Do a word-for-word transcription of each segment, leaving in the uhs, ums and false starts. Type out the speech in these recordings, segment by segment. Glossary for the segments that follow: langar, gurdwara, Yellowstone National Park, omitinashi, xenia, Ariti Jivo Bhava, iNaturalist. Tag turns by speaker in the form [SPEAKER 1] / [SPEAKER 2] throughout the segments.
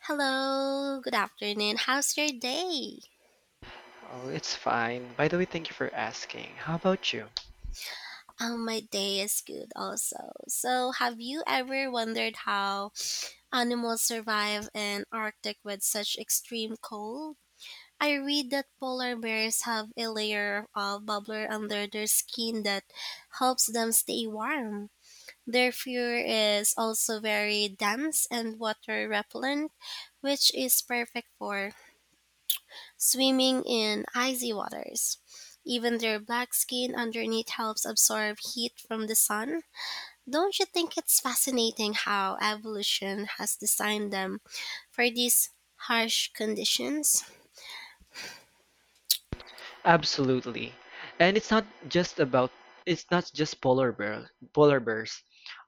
[SPEAKER 1] Hello, good afternoon. How's your day?
[SPEAKER 2] Oh, it's fine. By the way, thank you for asking. How about you?
[SPEAKER 1] Um, my day is good also. So, have you ever wondered how animals survive in Arctic with such extreme cold? I read that polar bears have a layer of bubbler under their skin that helps them stay warm. Their fur is also very dense and water repellent, which is perfect for swimming in icy waters. Even their black skin underneath helps absorb heat from the sun. Don't you think it's fascinating how evolution has designed them for these harsh conditions?
[SPEAKER 2] Absolutely. And it's not just about it's not just polar bear, polar bears.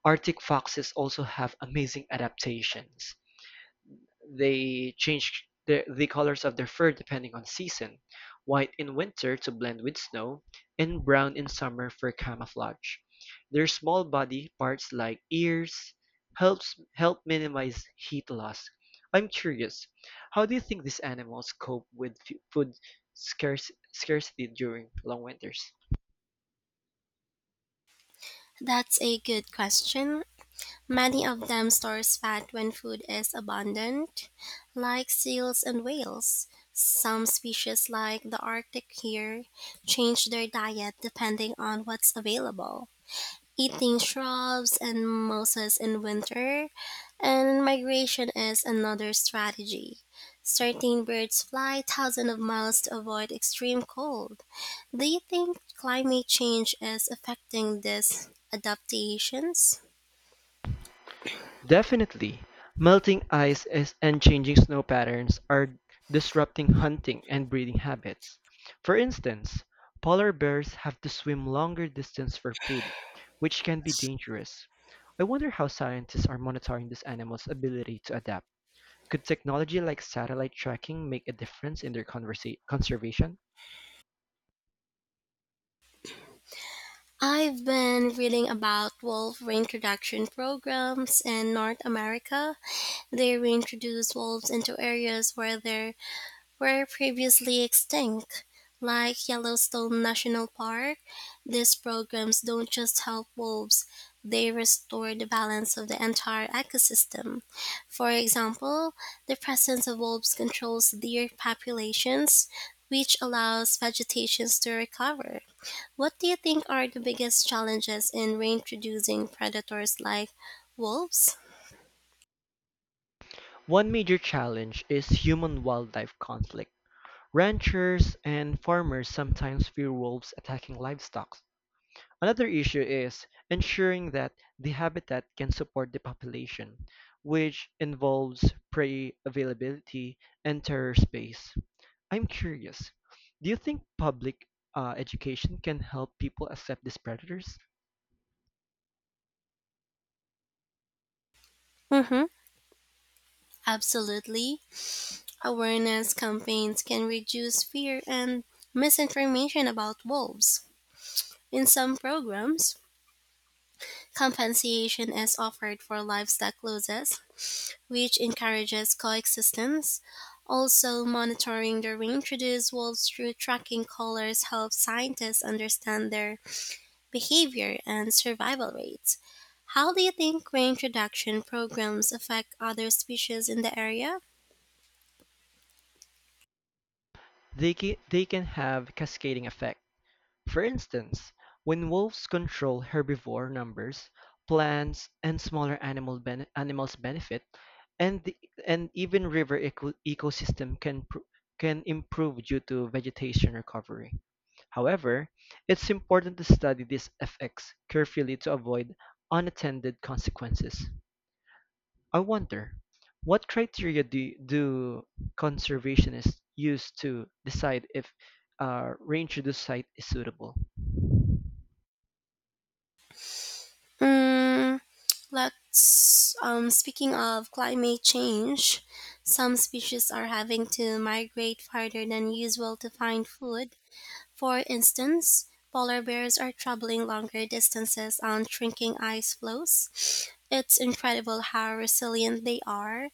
[SPEAKER 2] Arctic foxes also have amazing adaptations. They change the, the colors of their fur depending on season, white in winter to blend with snow, and brown in summer for camouflage. Their small body parts like ears helps help minimize heat loss. I'm curious, how do you think these animals cope with fu- food scarce, scarcity during long winters?
[SPEAKER 1] That's a good question. Many of them store fat when food is abundant, like seals and whales. Some species, like the Arctic here, change their diet depending on what's available, eating shrubs and mosses in winter, and migration is another strategy. Certain birds fly thousands of miles to avoid extreme cold. Do you think climate change is affecting these adaptations?
[SPEAKER 2] Definitely, melting ice is, and changing snow patterns are disrupting hunting and breeding habits. For instance, polar bears have to swim longer distance for food, which can be dangerous. I wonder how scientists are monitoring this animal's ability to adapt. Could technology like satellite tracking make a difference in their conversa- conservation?
[SPEAKER 1] I've been reading about wolf reintroduction programs in North America. They reintroduce wolves into areas where their were previously extinct. Like Yellowstone National Park, these programs don't just help wolves, they restore the balance of the entire ecosystem. For example, the presence of wolves controls deer populations, which allows vegetations to recover. What do you think are the biggest challenges in reintroducing predators like wolves?
[SPEAKER 2] One major challenge is human-wildlife conflict. Ranchers and farmers sometimes fear wolves attacking livestock. Another issue is ensuring that the habitat can support the population, which involves prey availability and terror space. I'm curious, do you think public uh, education can help people accept these predators?
[SPEAKER 1] Mm-hmm. Absolutely. Awareness campaigns can reduce fear and misinformation about wolves. In some programs, compensation is offered for livestock losses, which encourages coexistence. Also, monitoring the reintroduced wolves through tracking collars helps scientists understand their behavior and survival rates. How do you think reintroduction programs affect other species in the area?
[SPEAKER 2] They can, they can have cascading effect. For instance, when wolves control herbivore numbers, plants and smaller animal bene- animals benefit, and the, and even river eco- ecosystem can pr- can improve due to vegetation recovery. However, it's important to study these effects carefully to avoid unattended consequences. I wonder, what criteria do, do conservationists use to decide if uh, reintroduced site is suitable?
[SPEAKER 1] Mm, let's um, speaking of climate change, some species are having to migrate farther than usual to find food, for instance, polar bears are traveling longer distances on shrinking ice floes. It's incredible how resilient they are,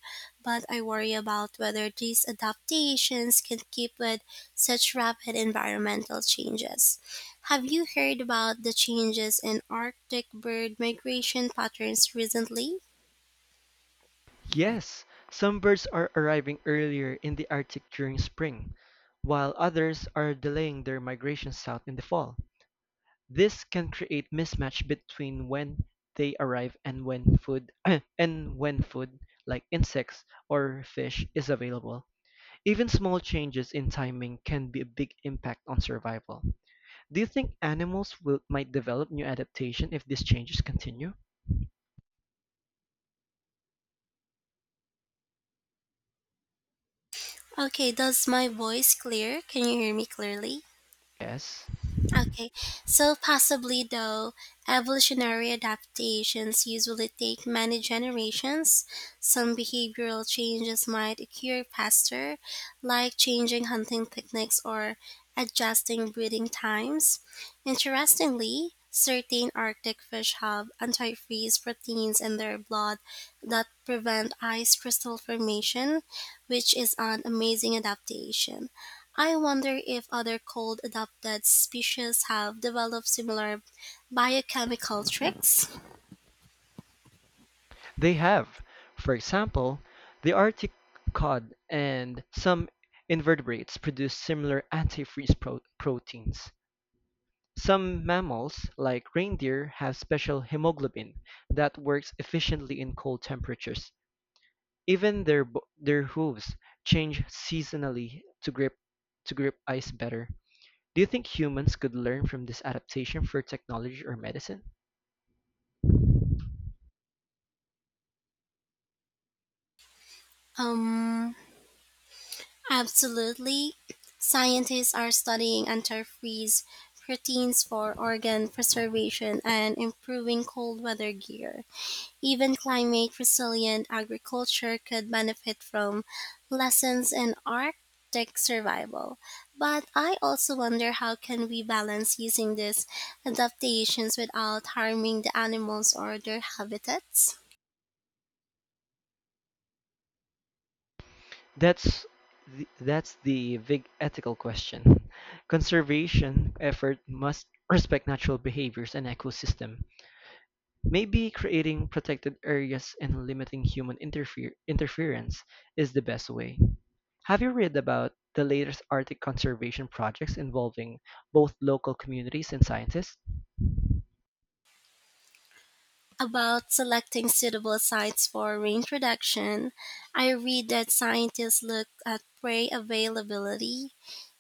[SPEAKER 1] but I worry about whether these adaptations can keep with such rapid environmental changes. Have you heard about the changes in Arctic bird migration patterns recently?
[SPEAKER 2] Yes, some birds are arriving earlier in the Arctic during spring, while others are delaying their migration south in the fall. This can create mismatch between when they arrive and when food and when food like insects or fish is available. Even small changes in timing can be a big impact on survival. Do you think animals will might develop new adaptation if these changes continue?
[SPEAKER 1] Okay, does my voice clear? Can you hear me clearly?
[SPEAKER 2] Yes,
[SPEAKER 1] Okay, so possibly though, evolutionary adaptations usually take many generations. Some behavioral changes might occur faster, like changing hunting techniques or adjusting breeding times. Interestingly, certain Arctic fish have antifreeze proteins in their blood that prevent ice crystal formation, which is an amazing adaptation. I wonder if other cold adapted species have developed similar biochemical tricks.
[SPEAKER 2] they have. For example, the Arctic cod and some invertebrates produce similar antifreeze pro- proteins. Some mammals, like reindeer, have special hemoglobin that works efficiently in cold temperatures. Even their bo- their hooves change seasonally to grip to grip ice better. Do you think humans could learn from this adaptation for technology or medicine?
[SPEAKER 1] Um, Absolutely. Scientists are studying antifreeze proteins for organ preservation and improving cold weather gear. Even climate resilient agriculture could benefit from lessons in Arctic survival. But I also wonder how can we balance using these adaptations without harming the animals or their habitats?
[SPEAKER 2] That's the, that's the big ethical question. Conservation effort must respect natural behaviors and ecosystem. Maybe creating protected areas and limiting human interfere- interference is the best way. Have you read about the latest Arctic conservation projects involving both local communities and scientists?
[SPEAKER 1] About selecting suitable sites for reintroduction, I read that scientists look at prey availability,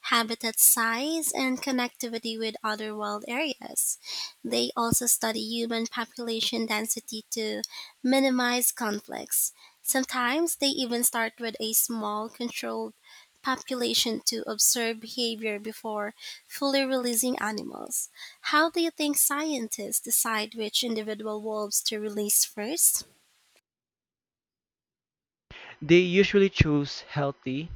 [SPEAKER 1] habitat size, and connectivity with other wild areas. They also study human population density to minimize conflicts. Sometimes they even start with a small controlled population to observe behavior before fully releasing animals. How do you think scientists decide which individual wolves to release first?
[SPEAKER 2] They usually choose healthy,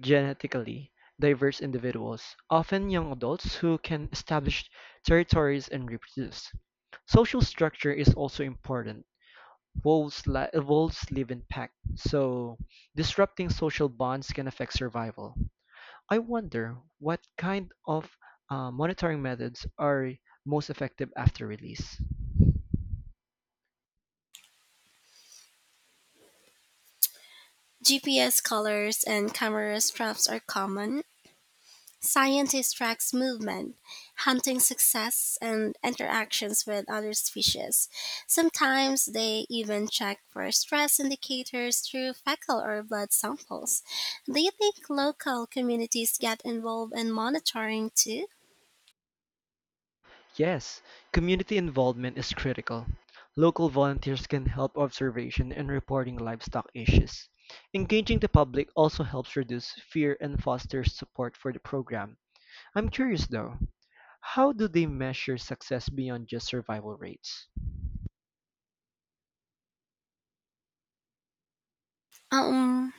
[SPEAKER 2] genetically diverse individuals, often young adults who can establish territories and reproduce. Social structure is also important. Wolves, li- wolves live in packs, so disrupting social bonds can affect survival. I wonder what kind of uh, monitoring methods are most effective after release.
[SPEAKER 1] G P S collars and camera straps are common. Scientists track movement, hunting success, and interactions with other species. Sometimes they even check for stress indicators through fecal or blood samples. Do you think local communities get involved in monitoring too?
[SPEAKER 2] Yes, community involvement is critical. Local volunteers can help observation and reporting livestock issues. Engaging the public also helps reduce fear and fosters support for the program. I'm curious though, how do they measure success beyond just survival rates?
[SPEAKER 1] Um,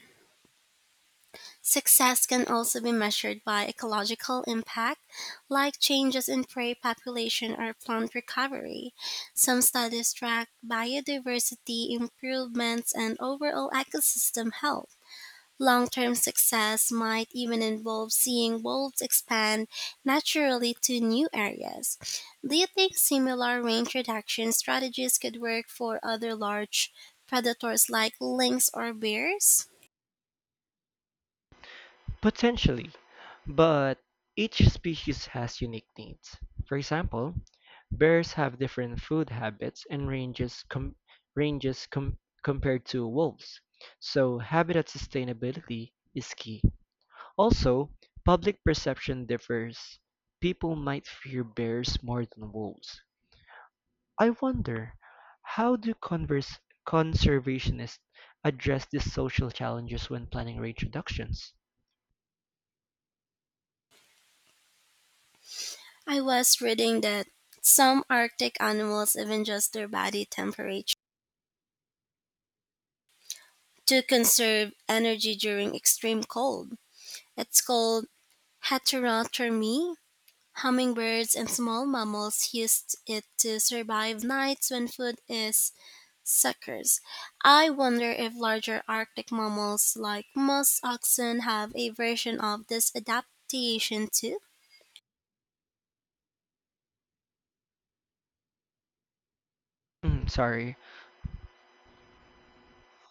[SPEAKER 1] Success can also be measured by ecological impact, like changes in prey population or plant recovery. Some studies track biodiversity improvements and overall ecosystem health. Long term success might even involve seeing wolves expand naturally to new areas. Do you think similar range reduction strategies could work for other large predators like lynx or bears?
[SPEAKER 2] Potentially, but each species has unique needs. For example, bears have different food habits and ranges com- ranges com- compared to wolves. So, habitat sustainability is key. Also, public perception differs. People might fear bears more than wolves. I wonder, how do converse conservationists address these social challenges when planning reintroductions?
[SPEAKER 1] I was reading that some Arctic animals even adjust their body temperature to conserve energy during extreme cold. It's called heterothermy. Hummingbirds and small mammals used it to survive nights when food is scarce. I wonder if larger Arctic mammals like musk oxen have a version of this adaptation too.
[SPEAKER 2] Mm, sorry.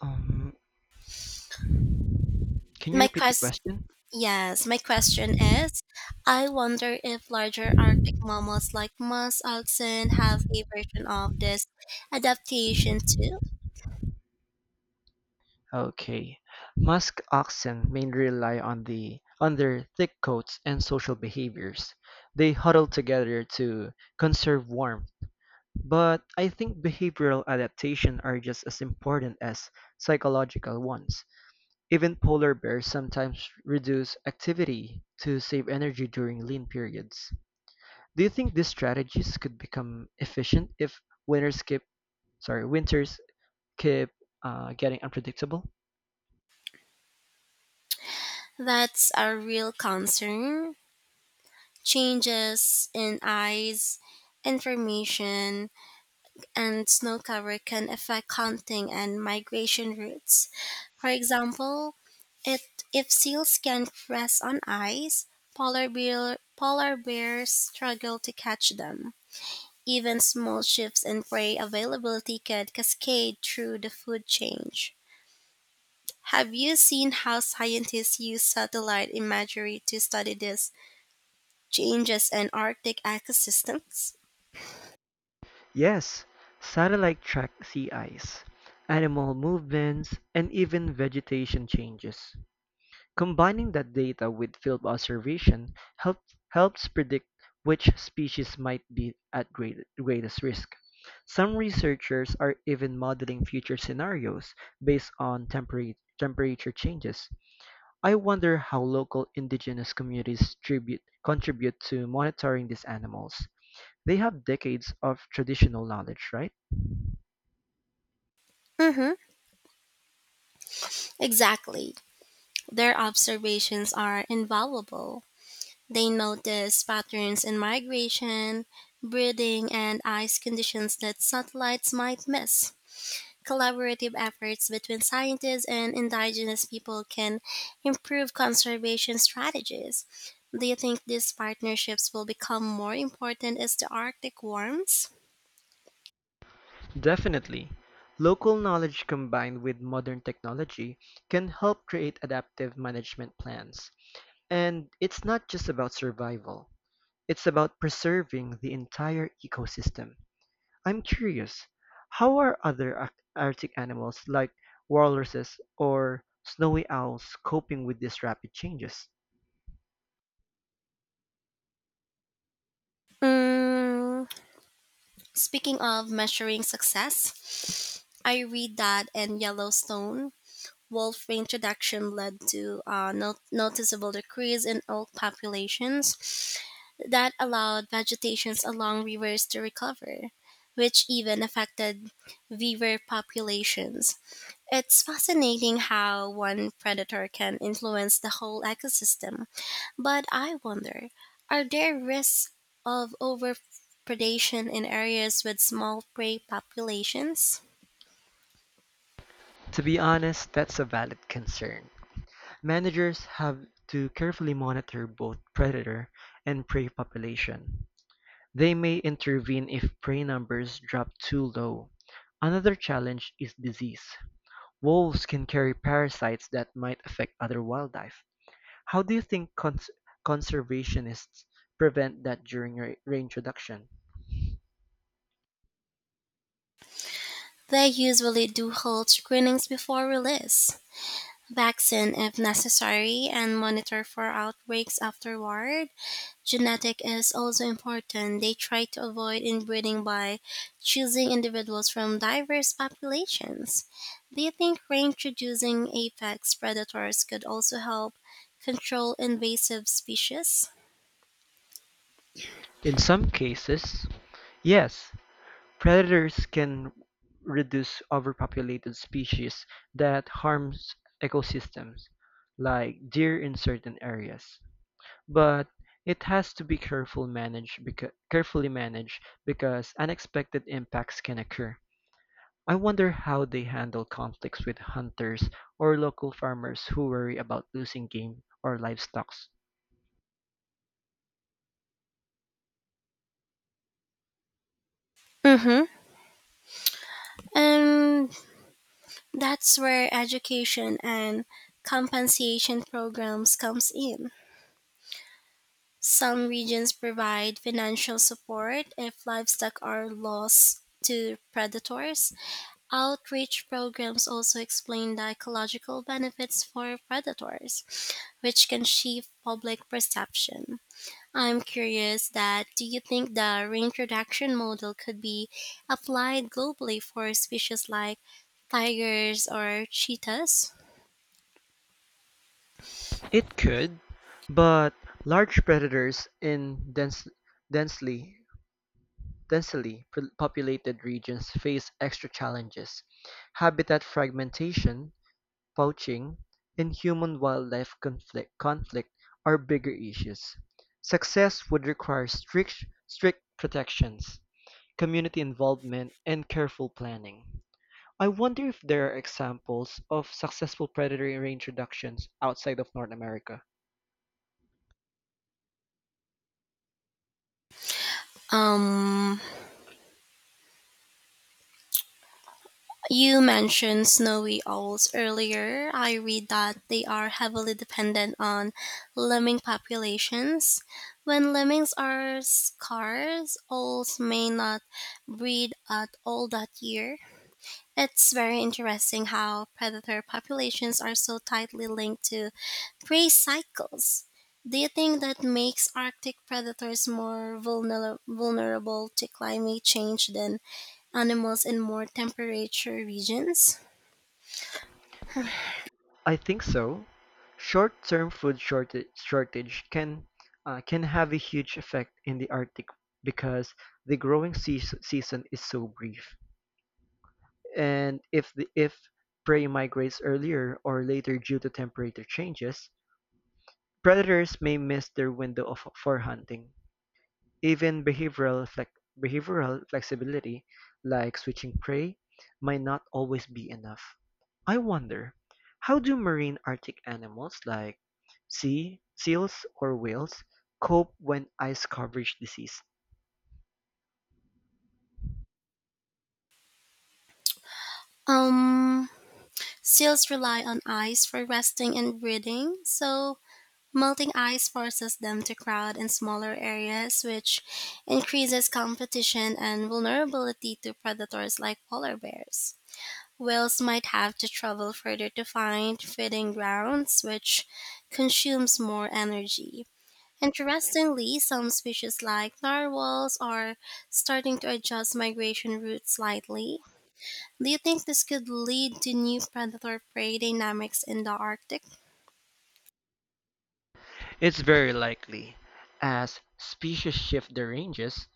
[SPEAKER 2] Um, Can you
[SPEAKER 1] My
[SPEAKER 2] repeat the
[SPEAKER 1] quest
[SPEAKER 2] question?
[SPEAKER 1] Yes, my question is I wonder if larger Arctic mammals like musk oxen have a version of this adaptation too.
[SPEAKER 2] Okay. Musk oxen mainly rely on the on their thick coats and social behaviors. They huddle together to conserve warmth, but I think behavioral adaptation are just as important as psychological ones. Even polar bears sometimes reduce activity to save energy during lean periods. Do you think these strategies could become efficient if winters keep sorry, winters keep uh, getting unpredictable?
[SPEAKER 1] That's a real concern. Changes in ice, information, and snow cover can affect hunting and migration routes. For example, it, if seals can rest on ice, polar, bear, polar bears struggle to catch them. Even small shifts in prey availability can cascade through the food chain. Have you seen how scientists use satellite imagery to study these changes in Arctic ecosystems?
[SPEAKER 2] Yes, satellite track sea ice, animal movements, and even vegetation changes. Combining that data with field observation help, helps predict which species might be at great, greatest risk. Some researchers are even modeling future scenarios based on tempera- temperature changes. I wonder how local indigenous communities tribute, contribute to monitoring these animals. They have decades of traditional knowledge, right?
[SPEAKER 1] Mm-hmm. Exactly. Their observations are invaluable. They notice patterns in migration, breeding, and ice conditions that satellites might miss. Collaborative efforts between scientists and indigenous people can improve conservation strategies. Do you think these partnerships will become more important as the Arctic warms?
[SPEAKER 2] Definitely, local knowledge combined with modern technology can help create adaptive management plans. And it's not just about survival, it's about preserving the entire ecosystem. I'm curious, how are other ar- Arctic animals like walruses or snowy owls coping with these rapid changes?
[SPEAKER 1] Mm, Speaking of measuring success, I read that in Yellowstone, wolf reintroduction led to a no- noticeable decrease in elk populations that allowed vegetations along rivers to recover, which even affected beaver populations. It's fascinating how one predator can influence the whole ecosystem, but I wonder are there risks of overpredation in areas with small prey populations?
[SPEAKER 2] To be honest, that's a valid concern. Managers have to carefully monitor both predator and prey population. They may intervene if prey numbers drop too low. Another challenge is disease. Wolves can carry parasites that might affect other wildlife. How do you think cons- conservationists prevent that during reintroduction?
[SPEAKER 1] They usually do hold screenings before release, vaccine if necessary, and monitor for outbreaks afterward. Genetic is also important. They try to avoid inbreeding by choosing individuals from diverse populations. Do you think reintroducing apex predators could also help control invasive species?
[SPEAKER 2] In some cases, yes, predators can reduce overpopulated species that harms ecosystems, like deer in certain areas. But it has to be careful managed becau- carefully managed because unexpected impacts can occur. I wonder how they handle conflicts with hunters or local farmers who worry about losing game or livestock.
[SPEAKER 1] Mm-hmm. And that's where education and compensation programs comes in. Some regions provide financial support if livestock are lost to predators. Outreach programs also explain the ecological benefits for predators, which can shift public perception. I'm curious that do you think the reintroduction model could be applied globally for species like tigers or cheetahs?
[SPEAKER 2] It could, but large predators in dense, densely densely populated regions face extra challenges. Habitat fragmentation, Poaching and human-wildlife conflict conflict are bigger issues; success would require strict strict protections, community involvement, and careful planning. I wonder if there are examples of successful predatory range reductions outside of North America.
[SPEAKER 1] Um You mentioned snowy owls earlier. I read that they are heavily dependent on lemming populations. When lemmings are scarce, owls may not breed at all that year. It's very interesting how predator populations are so tightly linked to prey cycles. Do you think that makes Arctic predators more vulner- vulnerable to climate change than animals in more temperature regions?
[SPEAKER 2] I think so. Short-term food shortage, shortage can uh, can have a huge effect in the Arctic because the growing sea season is so brief. And if the if prey migrates earlier or later due to temperature changes, predators may miss their window of, for hunting. Even behavioral flex, behavioral flexibility, like switching prey, might not always be enough. I wonder, how do marine Arctic animals like sea seals or whales cope when ice coverage disease?
[SPEAKER 1] Um, Seals rely on ice for resting and breeding, so melting ice forces them to crowd in smaller areas, which increases competition and vulnerability to predators like polar bears. Whales might have to travel further to find feeding grounds, which consumes more energy. Interestingly, some species like narwhals are starting to adjust migration routes slightly. Do you think this could lead to new predator prey dynamics in the Arctic?
[SPEAKER 2] It's very likely, as species shift their ranges,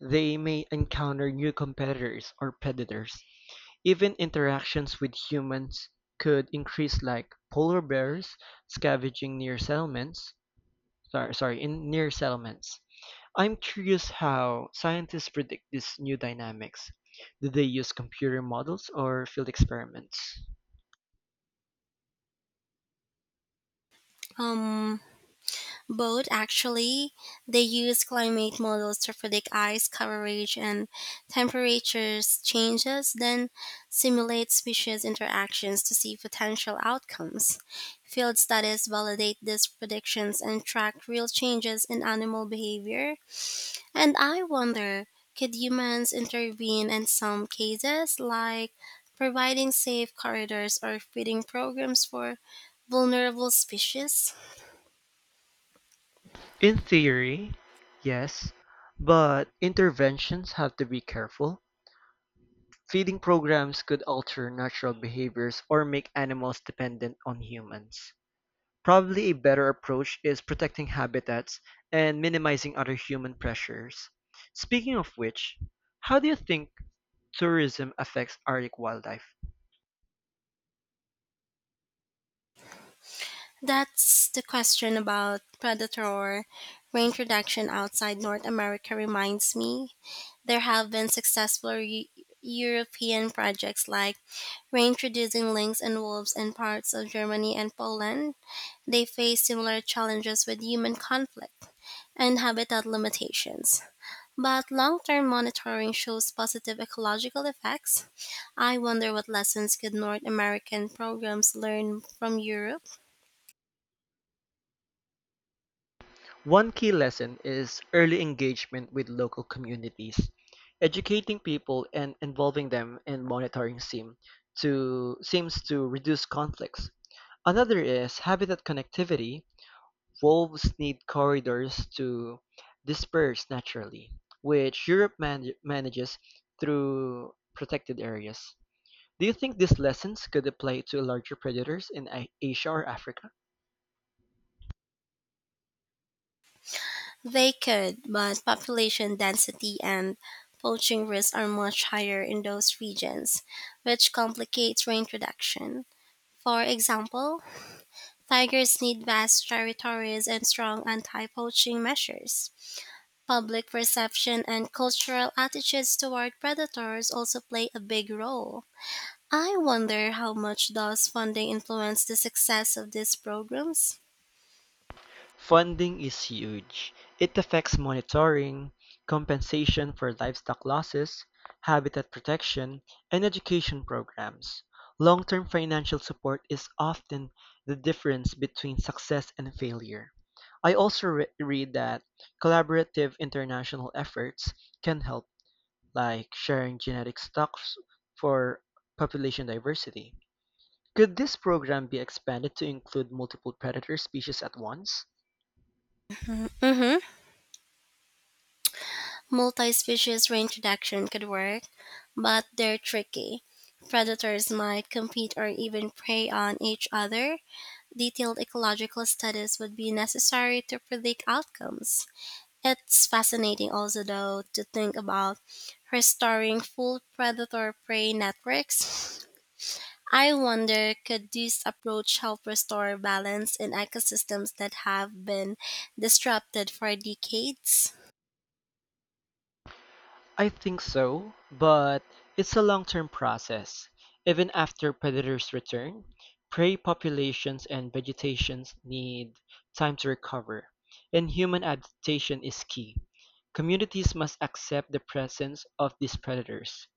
[SPEAKER 2] They may encounter new competitors or predators; even interactions with humans could increase like polar bears scavenging near settlements. Sorry, sorry, in near settlements. I'm curious how scientists predict these new dynamics. Do they use computer models or field experiments?
[SPEAKER 1] Um, Both actually. They use climate models to predict ice coverage and temperatures changes, then simulate species interactions to see potential outcomes. Field studies validate these predictions and track real changes in animal behavior. And I wonder, could humans intervene in some cases, like providing safe corridors or feeding programs for vulnerable species?
[SPEAKER 2] In theory, yes, but interventions have to be careful. Feeding programs could alter natural behaviors or make animals dependent on humans. Probably a better approach is protecting habitats and minimizing other human pressures. Speaking of which, how do you think tourism affects Arctic wildlife?
[SPEAKER 1] That's the question about predator reintroduction outside North America reminds me. There have been successful Eu- European projects like reintroducing lynx and wolves in parts of Germany and Poland. They face similar challenges with human conflict and habitat limitations. But long term monitoring shows positive ecological effects. I wonder what lessons could North American programs learn from Europe?
[SPEAKER 2] One key lesson is early engagement with local communities. Educating people and involving them in monitoring seem to seems to reduce conflicts. Another is habitat connectivity. Wolves need corridors to disperse naturally, which Europe man- manages through protected areas. Do you think these lessons could apply to larger predators in A- Asia or Africa?
[SPEAKER 1] They could, but population density and poaching risks are much higher in those regions, which complicates reintroduction. For example, tigers need vast territories and strong anti poaching measures. Public perception and cultural attitudes toward predators also play a big role. I wonder how much does funding influence the success of these programs?
[SPEAKER 2] Funding is huge. It affects monitoring, compensation for livestock losses, habitat protection, and education programs. Long-term financial support is often the difference between success and failure. I also re- read that collaborative international efforts can help, like sharing genetic stocks for population diversity. Could this program be expanded to include multiple predator species at once?
[SPEAKER 1] Mm-hmm. Multi-species reintroduction could work, but they're tricky. Predators might compete or even prey on each other. Detailed ecological studies would be necessary to predict outcomes. It's fascinating also though to think about restoring full predator prey networks. I wonder could this approach help restore balance in ecosystems that have been disrupted for decades?
[SPEAKER 2] I think so, but it's a long-term process. Even after predators return, prey populations and vegetations need time to recover, and human adaptation is key. Communities must accept the presence of these predators.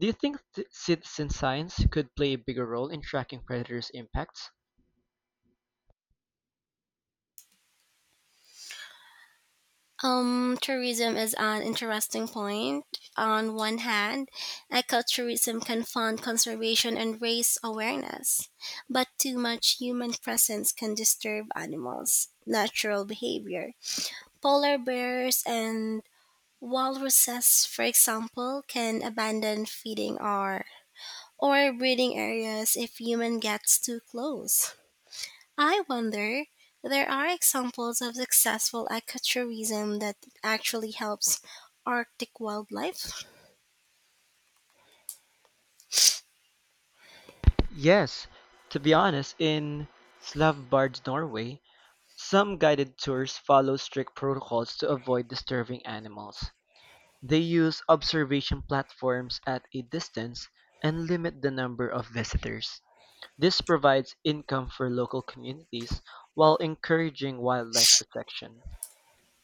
[SPEAKER 2] Do you think th- citizen science could play a bigger role in tracking predators' impacts?
[SPEAKER 1] Um, tourism is an interesting point. On one hand, ecotourism can fund conservation and raise awareness, but too much human presence can disturb animals' natural behavior. Polar bears and walruses, for example, can abandon feeding or, or breeding areas if human gets too close. I wonder, there are examples of successful ecotourism that actually helps Arctic wildlife?
[SPEAKER 2] Yes, to be honest, in Slavbard, Norway, some guided tours follow strict protocols to avoid disturbing animals; they use observation platforms at a distance and limit the number of visitors. This provides income for local communities while encouraging wildlife protection.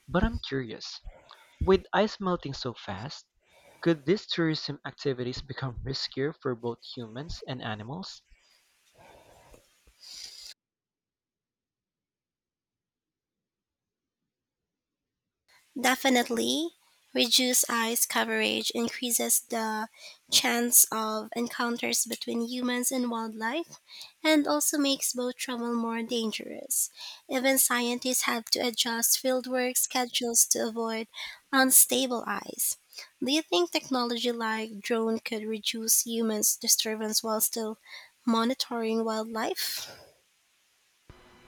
[SPEAKER 2] But I'm curious, with ice melting so fast, could these tourism activities become riskier for both humans and animals?
[SPEAKER 1] Definitely, reduced eyes coverage increases the chance of encounters between humans and wildlife and also makes boat travel more dangerous. Even scientists have to adjust fieldwork schedules to avoid unstable eyes. Do you think technology like drone could reduce humans' disturbance while still monitoring wildlife?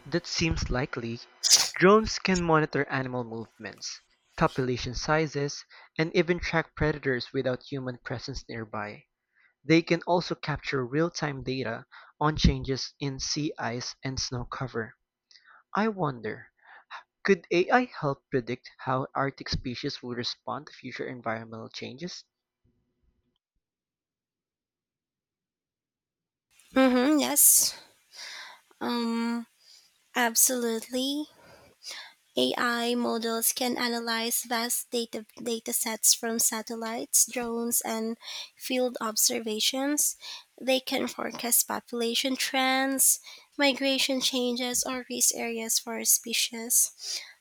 [SPEAKER 2] That seems likely. Drones can monitor animal movements, population sizes, and even track predators without human presence nearby. They can also capture real-time data on changes in sea ice and snow cover. I wonder, could A I help predict how Arctic species will respond to future environmental changes?
[SPEAKER 1] Mm-hmm, yes. Um, Absolutely. A I models can analyze vast data, data sets from satellites, drones, and field observations. They can forecast population trends, migration changes, or risk areas for a species.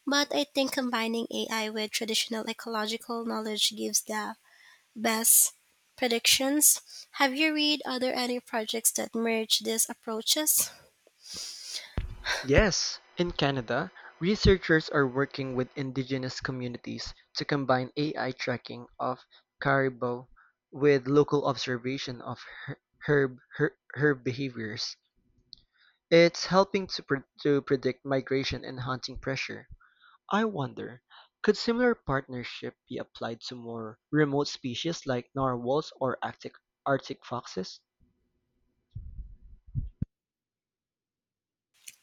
[SPEAKER 1] But I think combining A I with traditional ecological knowledge gives the best predictions. Have you read other any projects that merge these approaches?
[SPEAKER 2] Yes, in Canada, researchers are working with indigenous communities to combine A I tracking of caribou with local observation of her- herb, her- herb behaviors. It's helping to, pre- to predict migration and hunting pressure. I wonder, could similar partnership be applied to more remote species like narwhals or Arctic, Arctic foxes?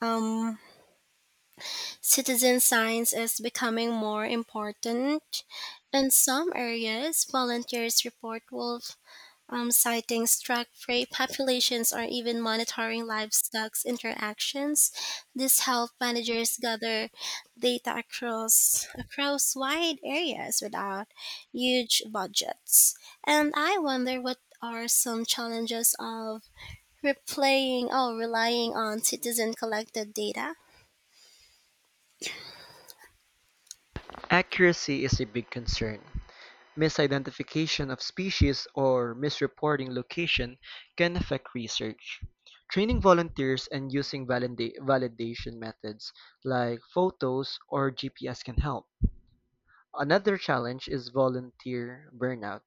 [SPEAKER 1] Um, Citizen science is becoming more important. In some areas, volunteers report wolf um, sightings, track prey populations, or even monitoring livestock's interactions. This helps managers gather data across across wide areas without huge budgets. And I wonder what are some challenges of replaying or relying on citizen collected data.
[SPEAKER 2] Accuracy is a big concern. Misidentification of species or misreporting location can affect research. Training volunteers and using valida- validation methods like photos or G P S can help. Another challenge is volunteer burnout.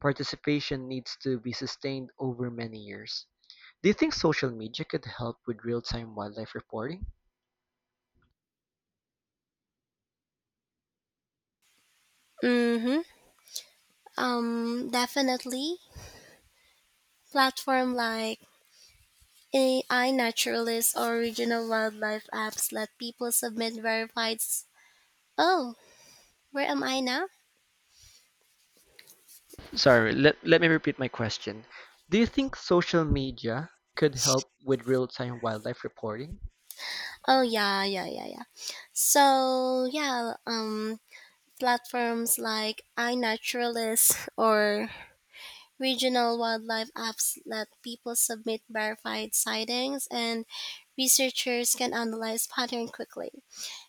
[SPEAKER 2] Participation needs to be sustained over many years. Do you think social media could help with real time wildlife reporting?
[SPEAKER 1] Mm-hmm. Um, definitely. Platform like A I Naturalist or regional wildlife apps let people submit verified. s- Oh, where am I now?
[SPEAKER 2] Sorry, let, let me repeat my question. Do you think social media could help with real time wildlife reporting?
[SPEAKER 1] Oh, yeah, yeah, yeah, yeah. So yeah, um, platforms like iNaturalist or regional wildlife apps let people submit verified sightings, and researchers can analyze pattern quickly.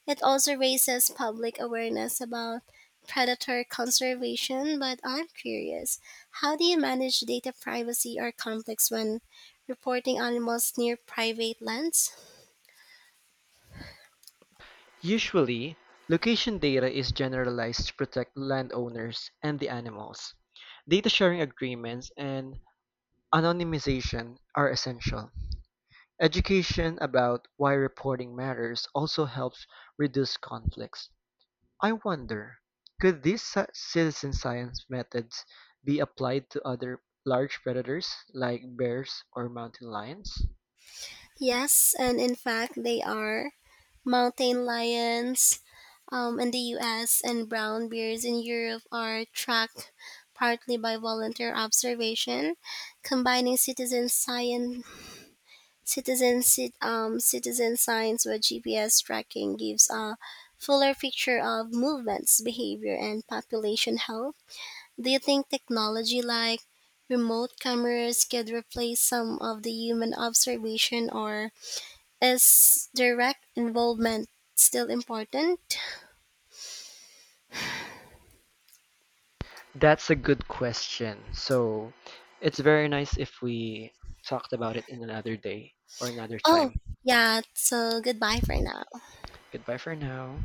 [SPEAKER 1] It also raises public awareness about predator conservation, but I'm curious how do you manage data privacy or conflicts when reporting animals near private lands?
[SPEAKER 2] Usually, location data is generalized to protect landowners and the animals. Data sharing agreements and anonymization are essential. Education about why reporting matters also helps reduce conflicts. I wonder, could these ci- citizen science methods be applied to other large predators like bears or mountain lions?
[SPEAKER 1] Yes, and in fact, they are mountain lions um, in the U S and brown bears in Europe are tracked partly by volunteer observation, combining citizen science Citizen cit- um, citizen signs with G P S tracking gives a fuller picture of movements, behavior, and population health. Do you think technology like remote cameras could replace some of the human observation, or is direct involvement still important?
[SPEAKER 2] That's a good question. So it's very nice if we talked about it in another day or another
[SPEAKER 1] Oh,
[SPEAKER 2] time.
[SPEAKER 1] yeah. So goodbye for now.
[SPEAKER 2] Goodbye for now.